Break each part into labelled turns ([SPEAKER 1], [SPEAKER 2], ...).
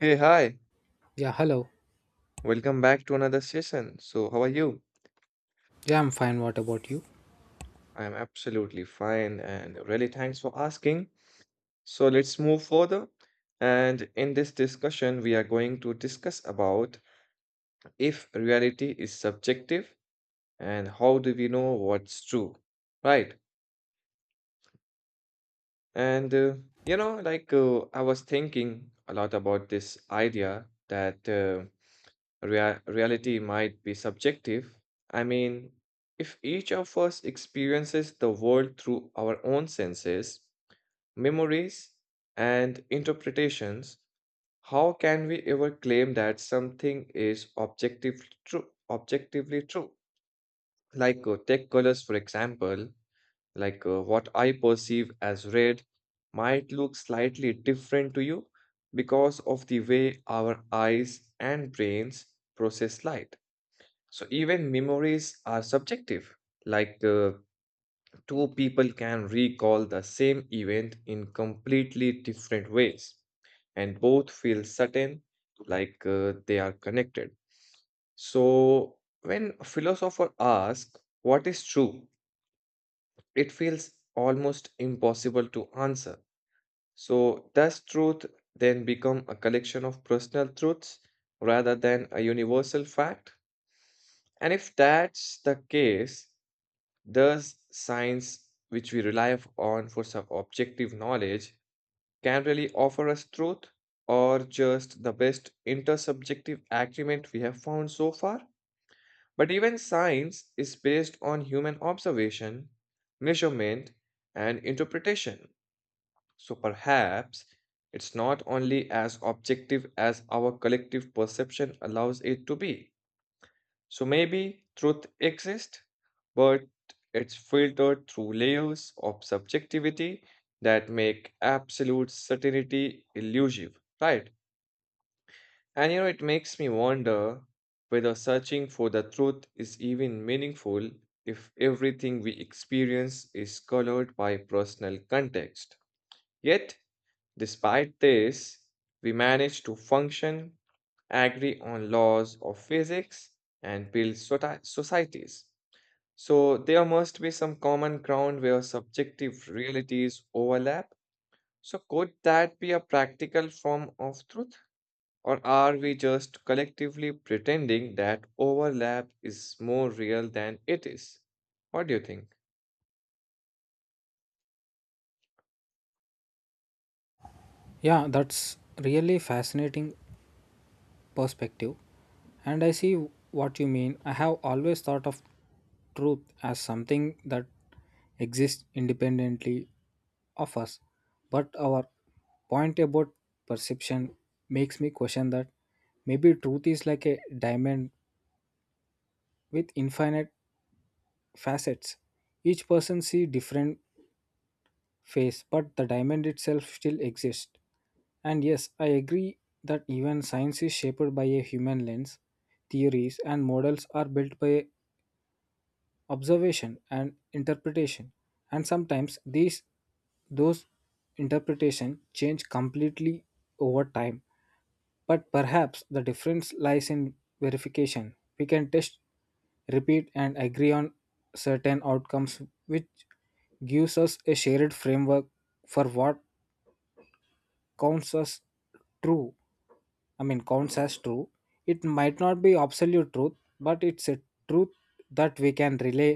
[SPEAKER 1] Hey, hi.
[SPEAKER 2] Yeah, hello.
[SPEAKER 1] Welcome back to another session. So, how are you?
[SPEAKER 2] Yeah, I'm fine. What about you?
[SPEAKER 1] I'm absolutely fine, and really thanks for asking. So, let's move further. And in this discussion, we are going to discuss about if reality is subjective and how do we know what's true, right? And like I was thinking a lot about this idea that reality might be subjective. I mean, if each of us experiences the world through our own senses, memories, and interpretations, how can we ever claim that something is objectively true? Objectively true. Like take colors, for example. Like what I perceive as red might look slightly different to you because of the way our eyes and brains process light. So even memories are subjective. Like two people can recall the same event in completely different ways, and both feel certain, like they are connected. So when a philosopher asks, "What is true?" it feels almost impossible to answer. So does truth then become a collection of personal truths rather than a universal fact? And if that's the case, thus, science, which we rely on for some objective knowledge, can really offer us truth, or just the best intersubjective agreement we have found so far? But even science is based on human observation, measurement, and interpretation. So perhaps it's not only as objective as our collective perception allows it to be. So maybe truth exists, but it's filtered through layers of subjectivity that make absolute certainty elusive, right? And it makes me wonder whether searching for the truth is even meaningful if everything we experience is colored by personal context. Yet, despite this, we manage to function, agree on laws of physics, and build societies. So there must be some common ground where subjective realities overlap. So could that be a practical form of truth? Or are we just collectively pretending that overlap is more real than it is? What do you think?
[SPEAKER 2] Yeah, that's really fascinating perspective. And I see what you mean. I have always thought of truth as something that exists independently of us. But our point about perception makes me question that maybe truth is like a diamond with infinite facets. Each person see different face, but the diamond itself still exists. And yes, I agree that even science is shaped by a human lens. Theories and models are built by observation and interpretation, and sometimes these those interpretation change completely over time, but perhaps the difference lies in verification. We can test, repeat, and agree on certain outcomes, which gives us a shared framework for what counts as true. I mean, counts as true. It might not be absolute truth, but it's a truth that we can rely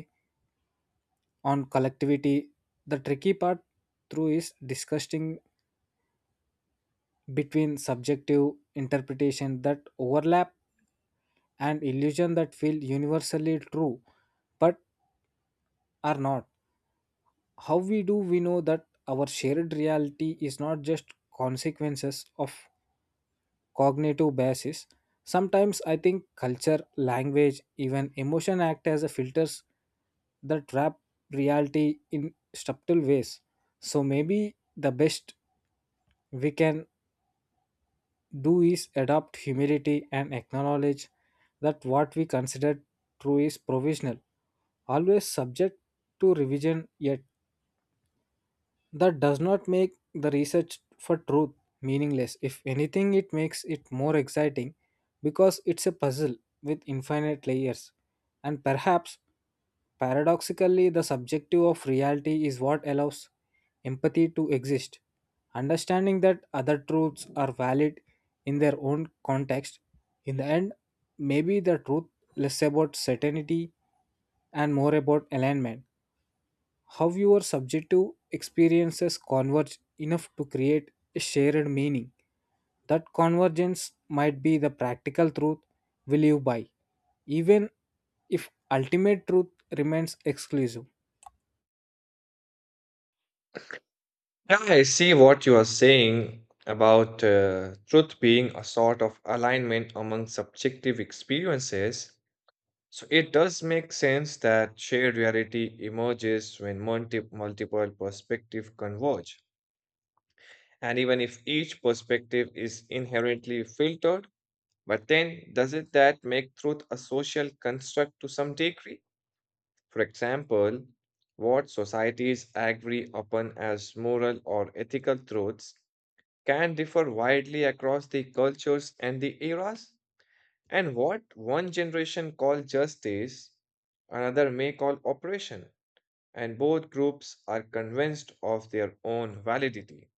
[SPEAKER 2] on collectivity. The tricky part through is discussing between subjective interpretation that overlap and illusion that feel universally true but are not. How we do we know that our shared reality is not just consequences of cognitive biases? Sometimes I think culture, language, even emotion act as a filters that wrap reality in subtle ways. So maybe the best we can do is adopt humility and acknowledge that what we consider true is provisional, always subject to revision, yet that does not make the research for truth meaningless. If anything, it makes it more exciting because it's a puzzle with infinite layers. And perhaps, paradoxically, the subjective of reality is what allows empathy to exist. Understanding that other truths are valid in their own context, in the end, maybe the truth less about certainty and more about alignment, how your subjective experiences converge enough to create a shared meaning. That convergence might be the practical truth we live by, even if ultimate truth remains exclusive.
[SPEAKER 1] Yeah, I see what you are saying about truth being a sort of alignment among subjective experiences. So it does make sense that shared reality emerges when multiple perspectives converge. And even if each perspective is inherently filtered, but then doesn't that make truth a social construct to some degree? For example, what societies agree upon as moral or ethical truths can differ widely across the cultures and the eras. And what one generation call justice, another may call operation, and both groups are convinced of their own validity.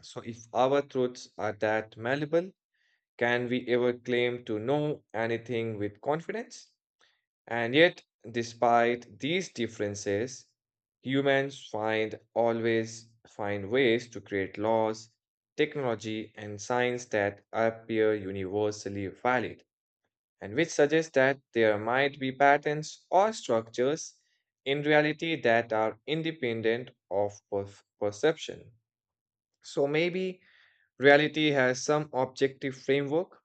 [SPEAKER 1] So, if our truths are that malleable, can we ever claim to know anything with confidence? And yet, despite these differences, humans find always find ways to create laws, technology, and science that appear universally valid, and which suggests that there might be patterns or structures in reality that are independent of perception. So maybe reality has some objective framework,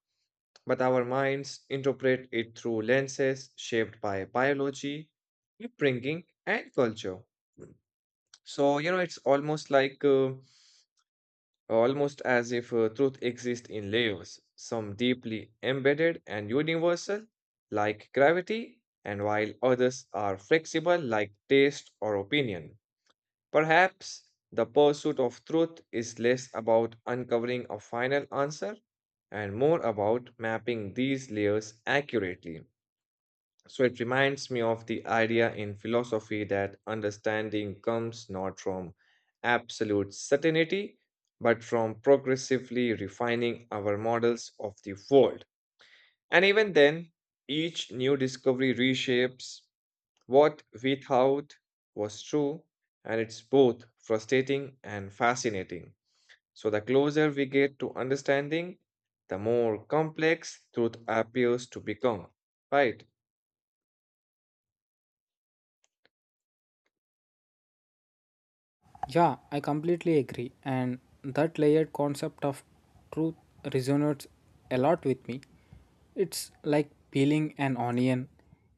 [SPEAKER 1] but our minds interpret it through lenses shaped by biology, upbringing, and culture. So, you know, it's almost as if truth exists in layers, some deeply embedded and universal, like gravity, and while others are flexible, like taste or opinion. Perhaps the pursuit of truth is less about uncovering a final answer and more about mapping these layers accurately. So it reminds me of the idea in philosophy that understanding comes not from absolute certainty, but from progressively refining our models of the world. And even then, each new discovery reshapes what we thought was true, and it's both frustrating and fascinating. So, the closer we get to understanding, the more complex truth appears to become, right?
[SPEAKER 2] Yeah, I completely agree. And that layered concept of truth resonates a lot with me. It's like peeling an onion.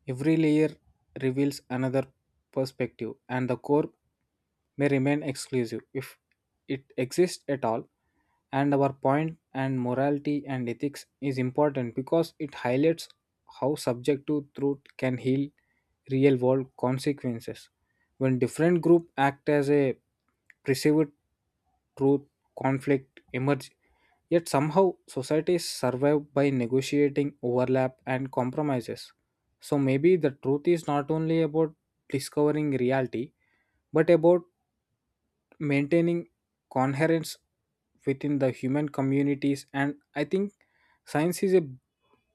[SPEAKER 2] Every layer reveals another perspective, and the core may remain exclusive if it exists at all. And our point and morality and ethics is important because it highlights how subjective truth can heal real world consequences. When different group act as a perceived truth, conflict emerge. Yet somehow societies survive by negotiating overlap and compromises. So maybe the truth is not only about discovering reality, but about maintaining coherence within the human communities. And I think science is a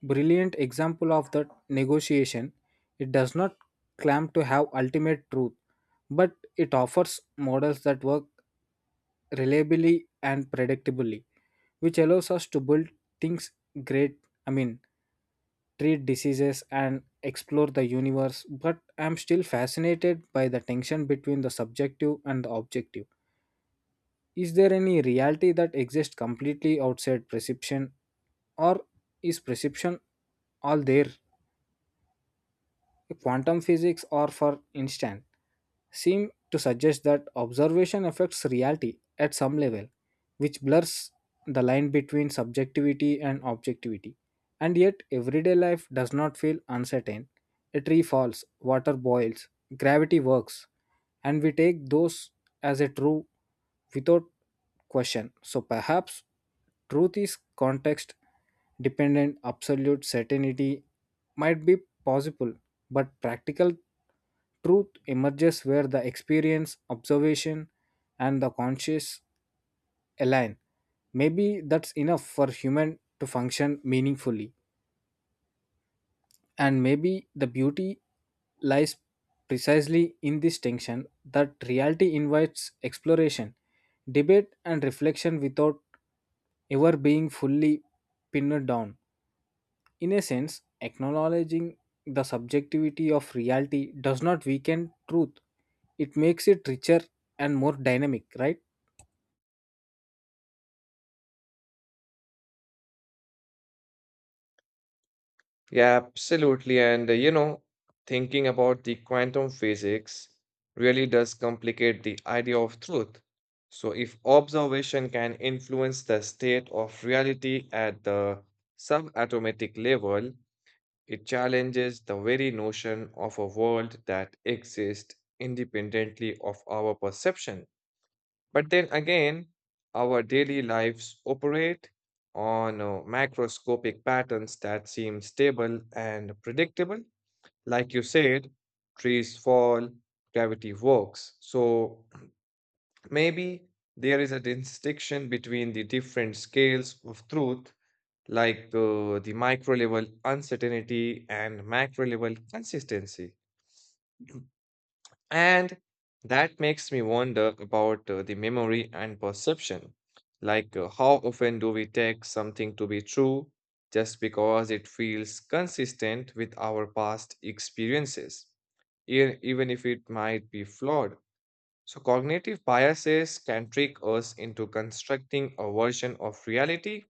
[SPEAKER 2] brilliant example of that negotiation. It does not claim to have ultimate truth, but it offers models that work reliably and predictably, which allows us to build things great I mean treat diseases and explore the universe. But I'm still fascinated by the tension between the subjective and the objective. Is there any reality that exists completely outside perception, or is perception all there? Quantum physics, or for instance, seem to suggest that observation affects reality at some level, which blurs the line between subjectivity and objectivity. And yet, everyday life does not feel uncertain. A tree falls, water boils, gravity works, and we take those as a true without question. So perhaps truth is context dependent, absolute certainty might be possible, but practical truth emerges where the experience, observation, and the conscious align. Maybe that's enough for human to function meaningfully. And maybe the beauty lies precisely in this tension, that reality invites exploration, debate, and reflection without ever being fully pinned down. In a sense, acknowledging the subjectivity of reality does not weaken truth, it makes it richer and more dynamic, right?
[SPEAKER 1] Yeah, absolutely. And thinking about the quantum physics really does complicate the idea of truth. So, if observation can influence the state of reality at the subatomic level, it challenges the very notion of a world that exists independently of our perception. But then again, our daily lives operate on macroscopic patterns that seem stable and predictable. Like you said, trees fall, gravity works. So maybe there is a distinction between the different scales of truth, like the micro level uncertainty and macro level consistency. And that makes me wonder about the memory and perception. Like, how often do we take something to be true just because it feels consistent with our past experiences, even if it might be flawed? So, cognitive biases can trick us into constructing a version of reality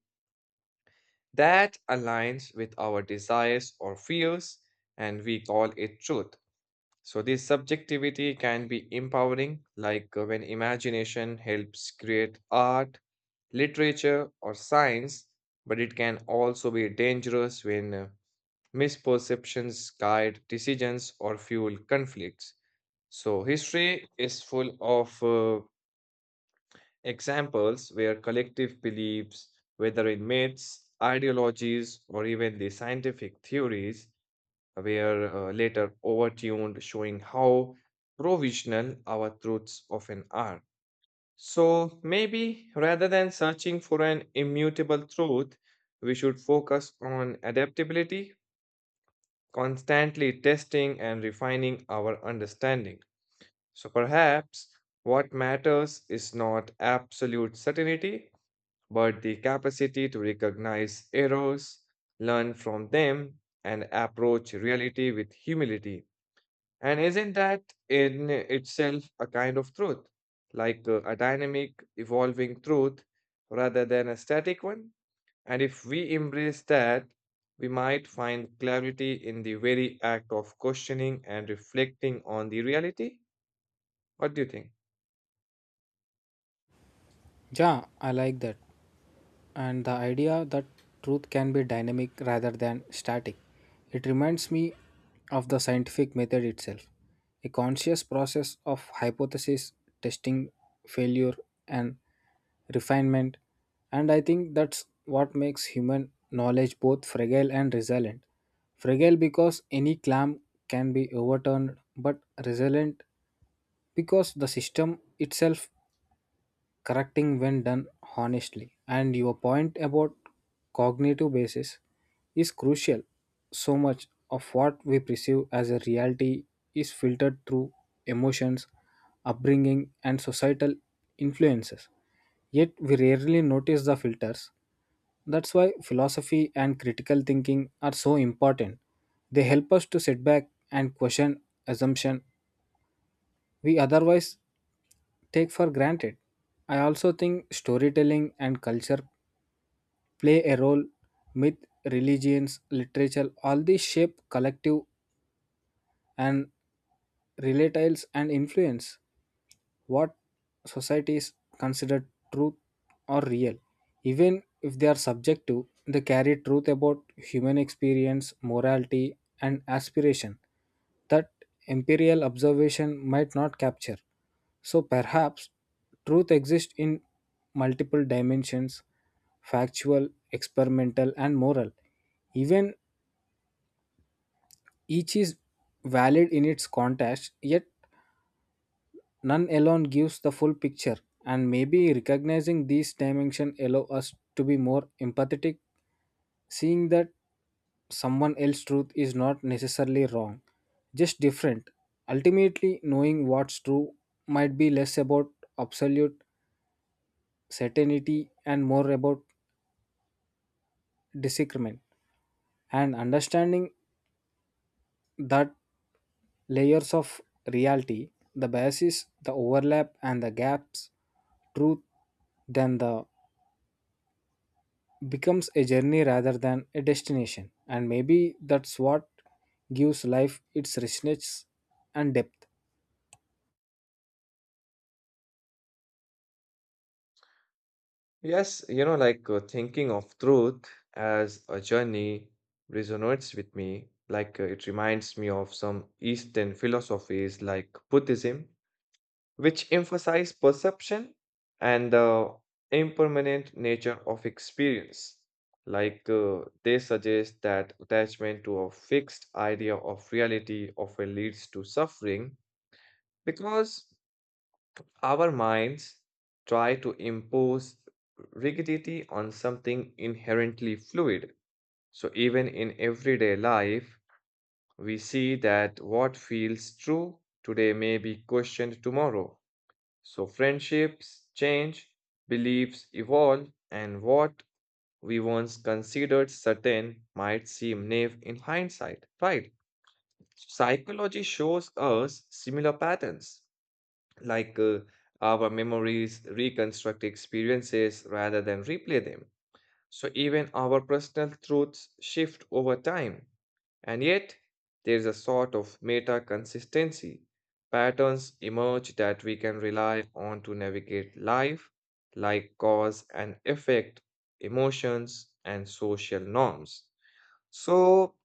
[SPEAKER 1] that aligns with our desires or fears, and we call it truth. So, this subjectivity can be empowering, like when imagination helps create art, literature, or science, but it can also be dangerous when misperceptions guide decisions or fuel conflicts. So, history is full of examples where collective beliefs, whether in myths, ideologies, or even the scientific theories, were later overtuned, showing how provisional our truths often are. So maybe rather than searching for an immutable truth, we should focus on adaptability, constantly testing and refining our understanding. So perhaps what matters is not absolute certainty, but the capacity to recognize errors, learn from them, and approach reality with humility. And isn't that in itself a kind of truth, like a dynamic, evolving truth rather than a static one? And if we embrace that, we might find clarity in the very act of questioning and reflecting on the reality. What do you think?
[SPEAKER 2] Yeah, I like that. And the idea that truth can be dynamic rather than static. It reminds me of the scientific method itself, a conscious process of hypothesis, testing, failure, and refinement. And I think that's what makes human knowledge both fragile and resilient. Fragile because any claim can be overturned, but resilient because the system itself correcting when done honestly. And your point about cognitive basis is crucial. So much of what we perceive as a reality is filtered through emotions, upbringing, and societal influences. Yet we rarely notice the filters. That's why philosophy and critical thinking are so important. They help us to sit back and question assumption we otherwise take for granted. I also think storytelling and culture play a role. Myth, religions, literature, all these shape collective and relatives and influence what societies consider truth or real. Even if they are subjective, they carry truth about human experience, morality, and aspiration that imperial observation might not capture. So perhaps truth exists in multiple dimensions factual, experimental, and moral. Even each is valid in its context, yet none alone gives the full picture, and maybe recognizing these dimensions allow us to be more empathetic, seeing that someone else's truth is not necessarily wrong, just different. Ultimately, knowing what's true might be less about absolute certainty and more about disagreement and understanding that layers of reality, the biases, the overlap, and the gaps, truth than the becomes a journey rather than a destination. And maybe that's what gives life its richness and depth.
[SPEAKER 1] Yes, like thinking of truth as a journey resonates with me. Like it reminds me of some Eastern philosophies like Buddhism, which emphasize perception and the impermanent nature of experience. Like they suggest that attachment to a fixed idea of reality often leads to suffering because our minds try to impose rigidity on something inherently fluid. So, even in everyday life, we see that what feels true today may be questioned tomorrow. So friendships change, beliefs evolve, and what we once considered certain might seem naive in hindsight, right? Psychology shows us similar patterns, like our memories reconstruct experiences rather than replay them. So even our personal truths shift over time. And yet, there is a sort of meta consistency. Patterns emerge that we can rely on to navigate life, like cause and effect, emotions, and social norms. So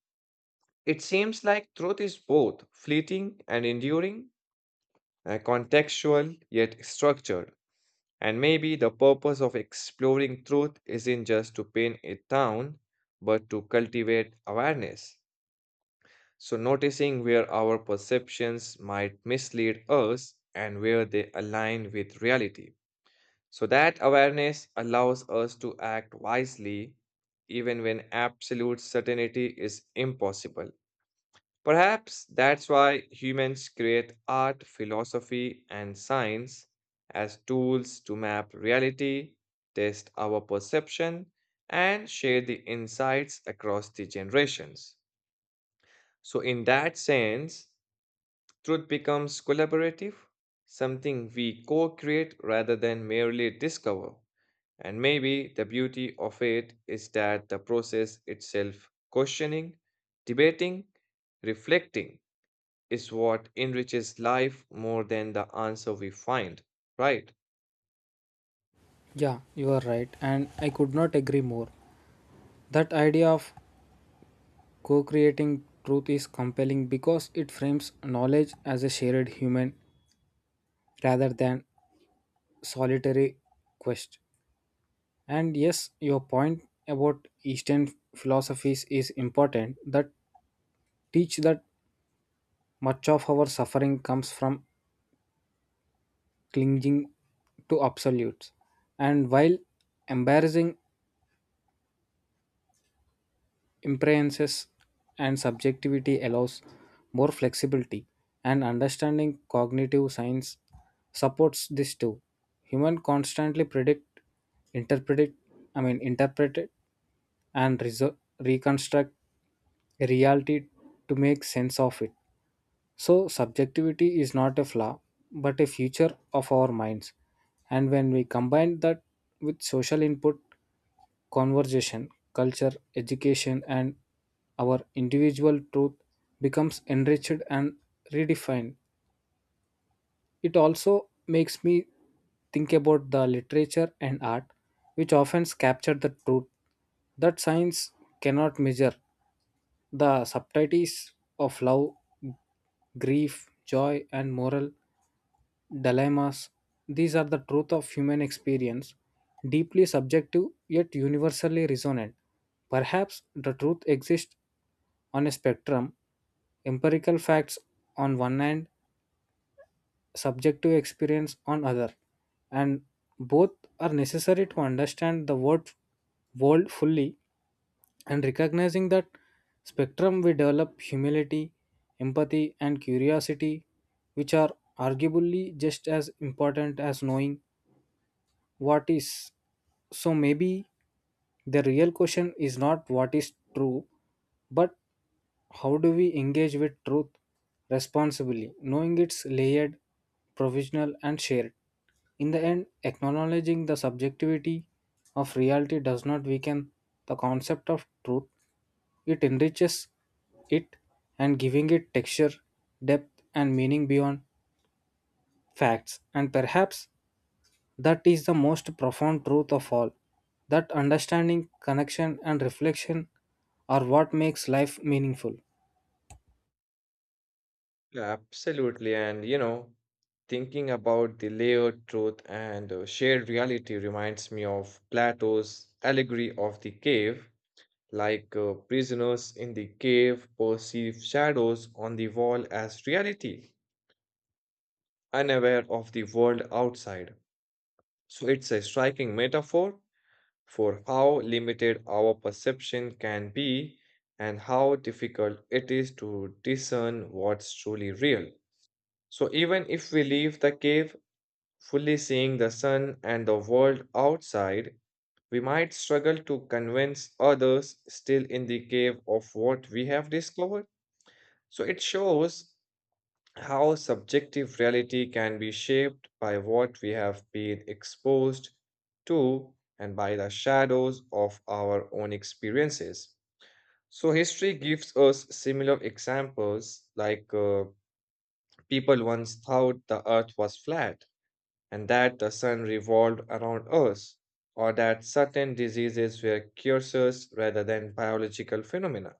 [SPEAKER 1] it seems like truth is both fleeting and enduring, contextual yet structured. And maybe the purpose of exploring truth isn't just to pin it down, but to cultivate awareness. So, noticing where our perceptions might mislead us and where they align with reality. So, that awareness allows us to act wisely even when absolute certainty is impossible. Perhaps that's why humans create art, philosophy, and science as tools to map reality, test our perception, and share the insights across the generations. So, in that sense, truth becomes collaborative, something we co create rather than merely discover. And maybe the beauty of it is that the process itself, questioning, debating, reflecting, is what enriches life more than the answer we find, right?
[SPEAKER 2] Yeah, you are right, and I could not agree more. That idea of co creating truth is compelling because it frames knowledge as a shared human rather than solitary quest. And yes, your point about Eastern philosophies is important, that teach that much of our suffering comes from clinging to absolutes. And while embarrassing imprehenses and subjectivity allows more flexibility and understanding, cognitive science supports this too. Human constantly predict, interpret, I mean interpret it and reconstruct reality to make sense of it. So, subjectivity is not a flaw, but a feature of our minds. And when we combine that with social input, conversation, culture, education, and our individual truth becomes enriched and redefined. It also makes me think about the literature and art, which often capture the truth that science cannot measure, the subtleties of love, grief, joy, and moral dilemmas. These are the truth of human experience, deeply subjective yet universally resonant. Perhaps the truth exists on a spectrum, empirical facts on one hand, subjective experience on other, and both are necessary to understand the world fully. And recognizing that spectrum, we develop humility, empathy, and curiosity, which are arguably just as important as knowing what is. So maybe the real question is not what is true, but how do we engage with truth responsibly, knowing it's layered, provisional, and shared? In the end, acknowledging the subjectivity of reality does not weaken the concept of truth, it enriches it and giving it texture, depth, and meaning beyond facts. And perhaps that is the most profound truth of all, that understanding, connection, and reflection are what makes life meaningful.
[SPEAKER 1] Yeah, absolutely. And thinking about the layered truth and shared reality reminds me of Plato's allegory of the cave. Like prisoners in the cave perceive shadows on the wall as reality, unaware of the world outside. So it's a striking metaphor for how limited our perception can be and how difficult it is to discern what's truly real. So, even if we leave the cave, fully seeing the sun and the world outside, we might struggle to convince others still in the cave of what we have discovered. So, it shows how subjective reality can be shaped by what we have been exposed to and by the shadows of our own experiences. So, history gives us similar examples, like people once thought the earth was flat and that the sun revolved around us, or that certain diseases were cures rather than biological phenomena.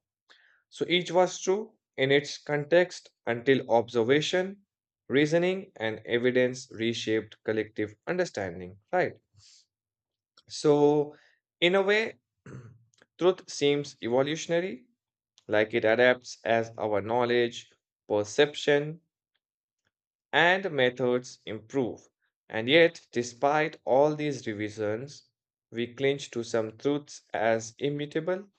[SPEAKER 1] So each was true in its context until observation, reasoning, and evidence reshaped collective understanding, right? So, in a way, truth seems evolutionary, like it adapts as our knowledge, perception, and methods improve. And yet, despite all these revisions, we cling to some truths as immutable,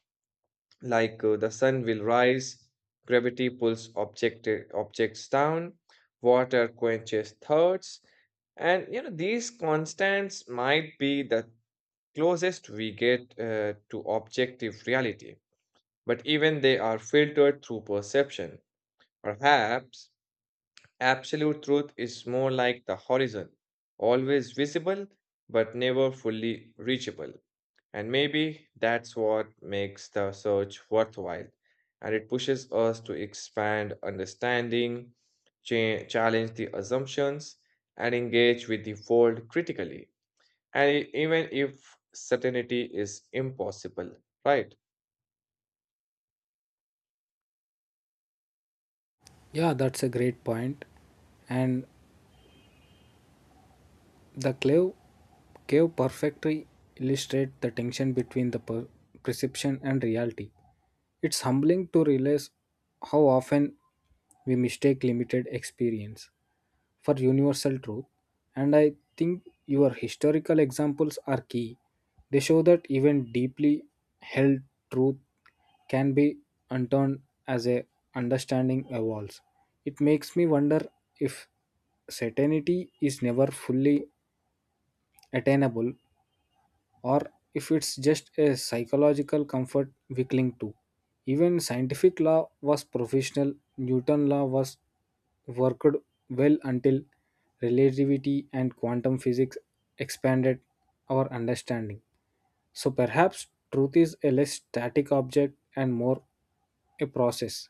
[SPEAKER 1] like the sun will rise, gravity pulls objects down, water quenches thirsts, and these constants might be the closest we get to objective reality, but even they are filtered through perception. Perhaps absolute truth is more like the horizon, always visible but never fully reachable. And maybe that's what makes the search worthwhile. And it pushes us to expand understanding, challenge the assumptions, and engage with the world critically. And even if certainty is impossible, right?
[SPEAKER 2] Yeah, that's a great point. And the cave perfectly illustrates the tension between the perception and reality. It's humbling to realize how often we mistake limited experience for universal truth, and I think your historical examples are key. They show that even deeply held truth can be unturned as a understanding evolves. It makes me wonder if certainty is never fully attainable or if it's just a psychological comfort we cling to. Even scientific law was professional, Newton law was worked well until relativity and quantum physics expanded our understanding. So perhaps truth is a less static object and more a process,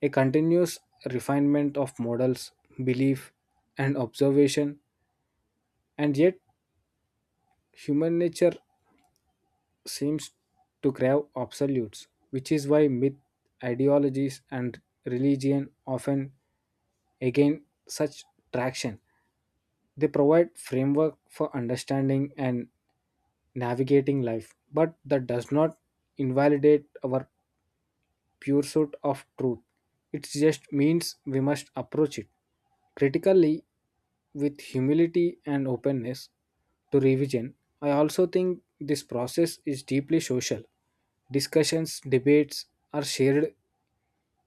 [SPEAKER 2] a continuous refinement of models, belief, and observation, and yet human nature seems to crave absolutes, which is why myth, ideologies, and religion often gain such traction. They provide framework for understanding and navigating life, but that does not invalidate our pursuit of truth. It just means we must approach it critically, with humility and openness to revision. I also think this process is deeply social. Discussions, debates, or shared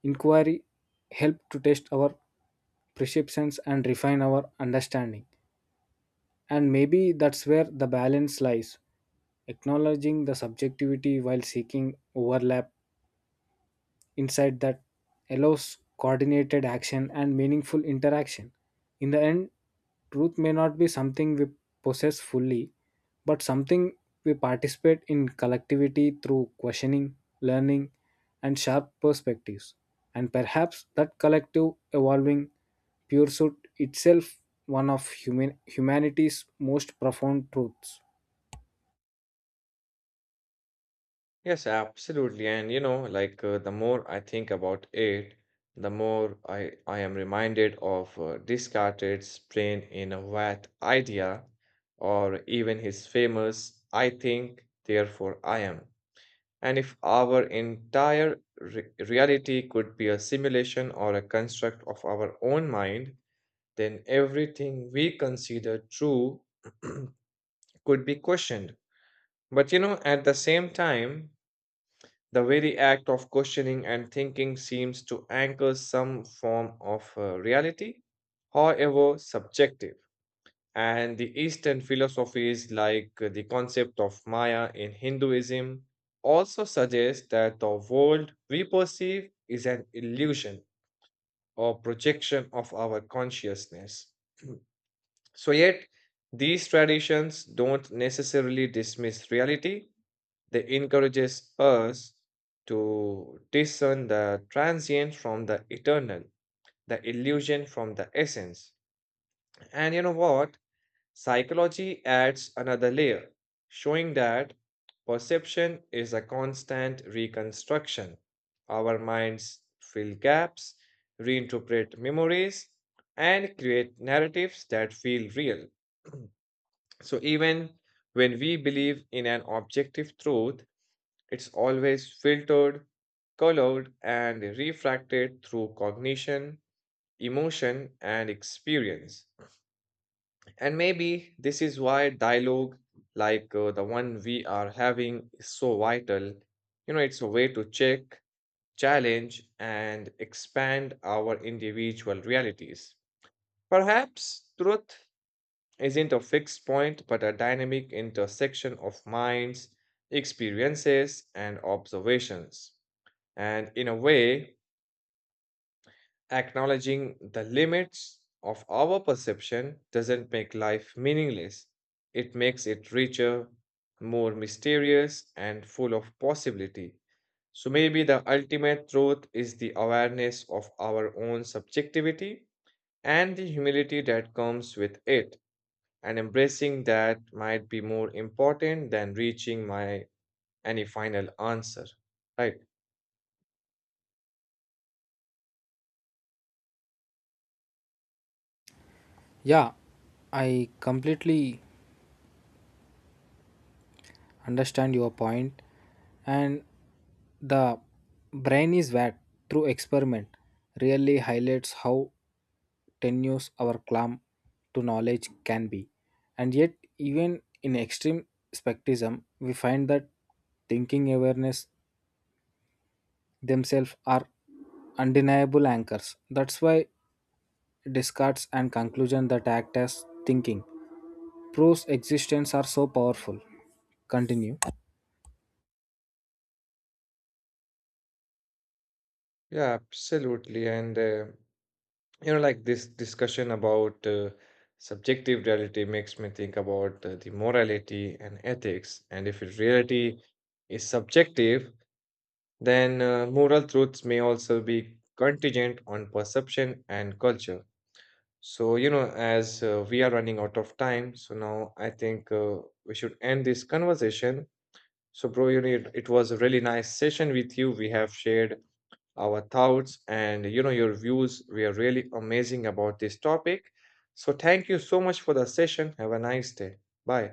[SPEAKER 2] inquiry help to test our perceptions and refine our understanding. And maybe that's where the balance lies, acknowledging the subjectivity while seeking overlap insight that allows coordinated action and meaningful interaction. In the end, truth may not be something we possess fully, but something we participate in collectivity through questioning, learning, and sharp perspectives. And perhaps that collective evolving pursuit itself one of human humanity's most profound truths.
[SPEAKER 1] Yes, absolutely. And like the more I think about it, the more I am reminded of Descartes' brain in a vat idea, or even his famous I think, therefore I am. And if our entire reality could be a simulation or a construct of our own mind, then everything we consider true could be questioned. But at the same time, the very act of questioning and thinking seems to anchor some form of reality, however subjective. And the Eastern philosophies, like the concept of Maya in Hinduism, also suggest that the world we perceive is an illusion or projection of our consciousness. So, yet, these traditions don't necessarily dismiss reality; they encourages us to discern the transient from the eternal, the illusion from the essence. And you know what? Psychology adds another layer, showing that perception is a constant reconstruction. Our minds fill gaps, reinterpret memories, and create narratives that feel real. So, even when we believe in an objective truth, it's always filtered, colored, and refracted through cognition, emotion, and experience. And maybe this is why dialogue, like the one we are having, is so vital. It's a way to check, challenge, and expand our individual realities. Perhaps truth isn't a fixed point, but a dynamic intersection of minds, experiences, and observations. And in a way, acknowledging the limits of our perception doesn't make life meaningless. It makes it richer, more mysterious, and full of possibility. So maybe the ultimate truth is the awareness of our own subjectivity and the humility that comes with it. And embracing that might be more important than reaching my any final answer. Right.
[SPEAKER 2] Yeah, I completely understand your point. And the brain is wet through experiment really highlights how tenuous our climb to knowledge can be. And yet, even in extreme spectrism, we find that thinking awareness themselves are undeniable anchors. That's why Descartes and conclusion that act as thinking proves existence are so powerful. Continue.
[SPEAKER 1] Yeah, absolutely. And like this discussion about subjective reality makes me think about the morality and ethics. And if reality is subjective, then moral truths may also be contingent on perception and culture. So, as we are running out of time, so now I think we should end this conversation. So, bro, it was a really nice session with you. We have shared our thoughts, and your views were really amazing about this topic. So thank you so much for the session. Have a nice day. Bye.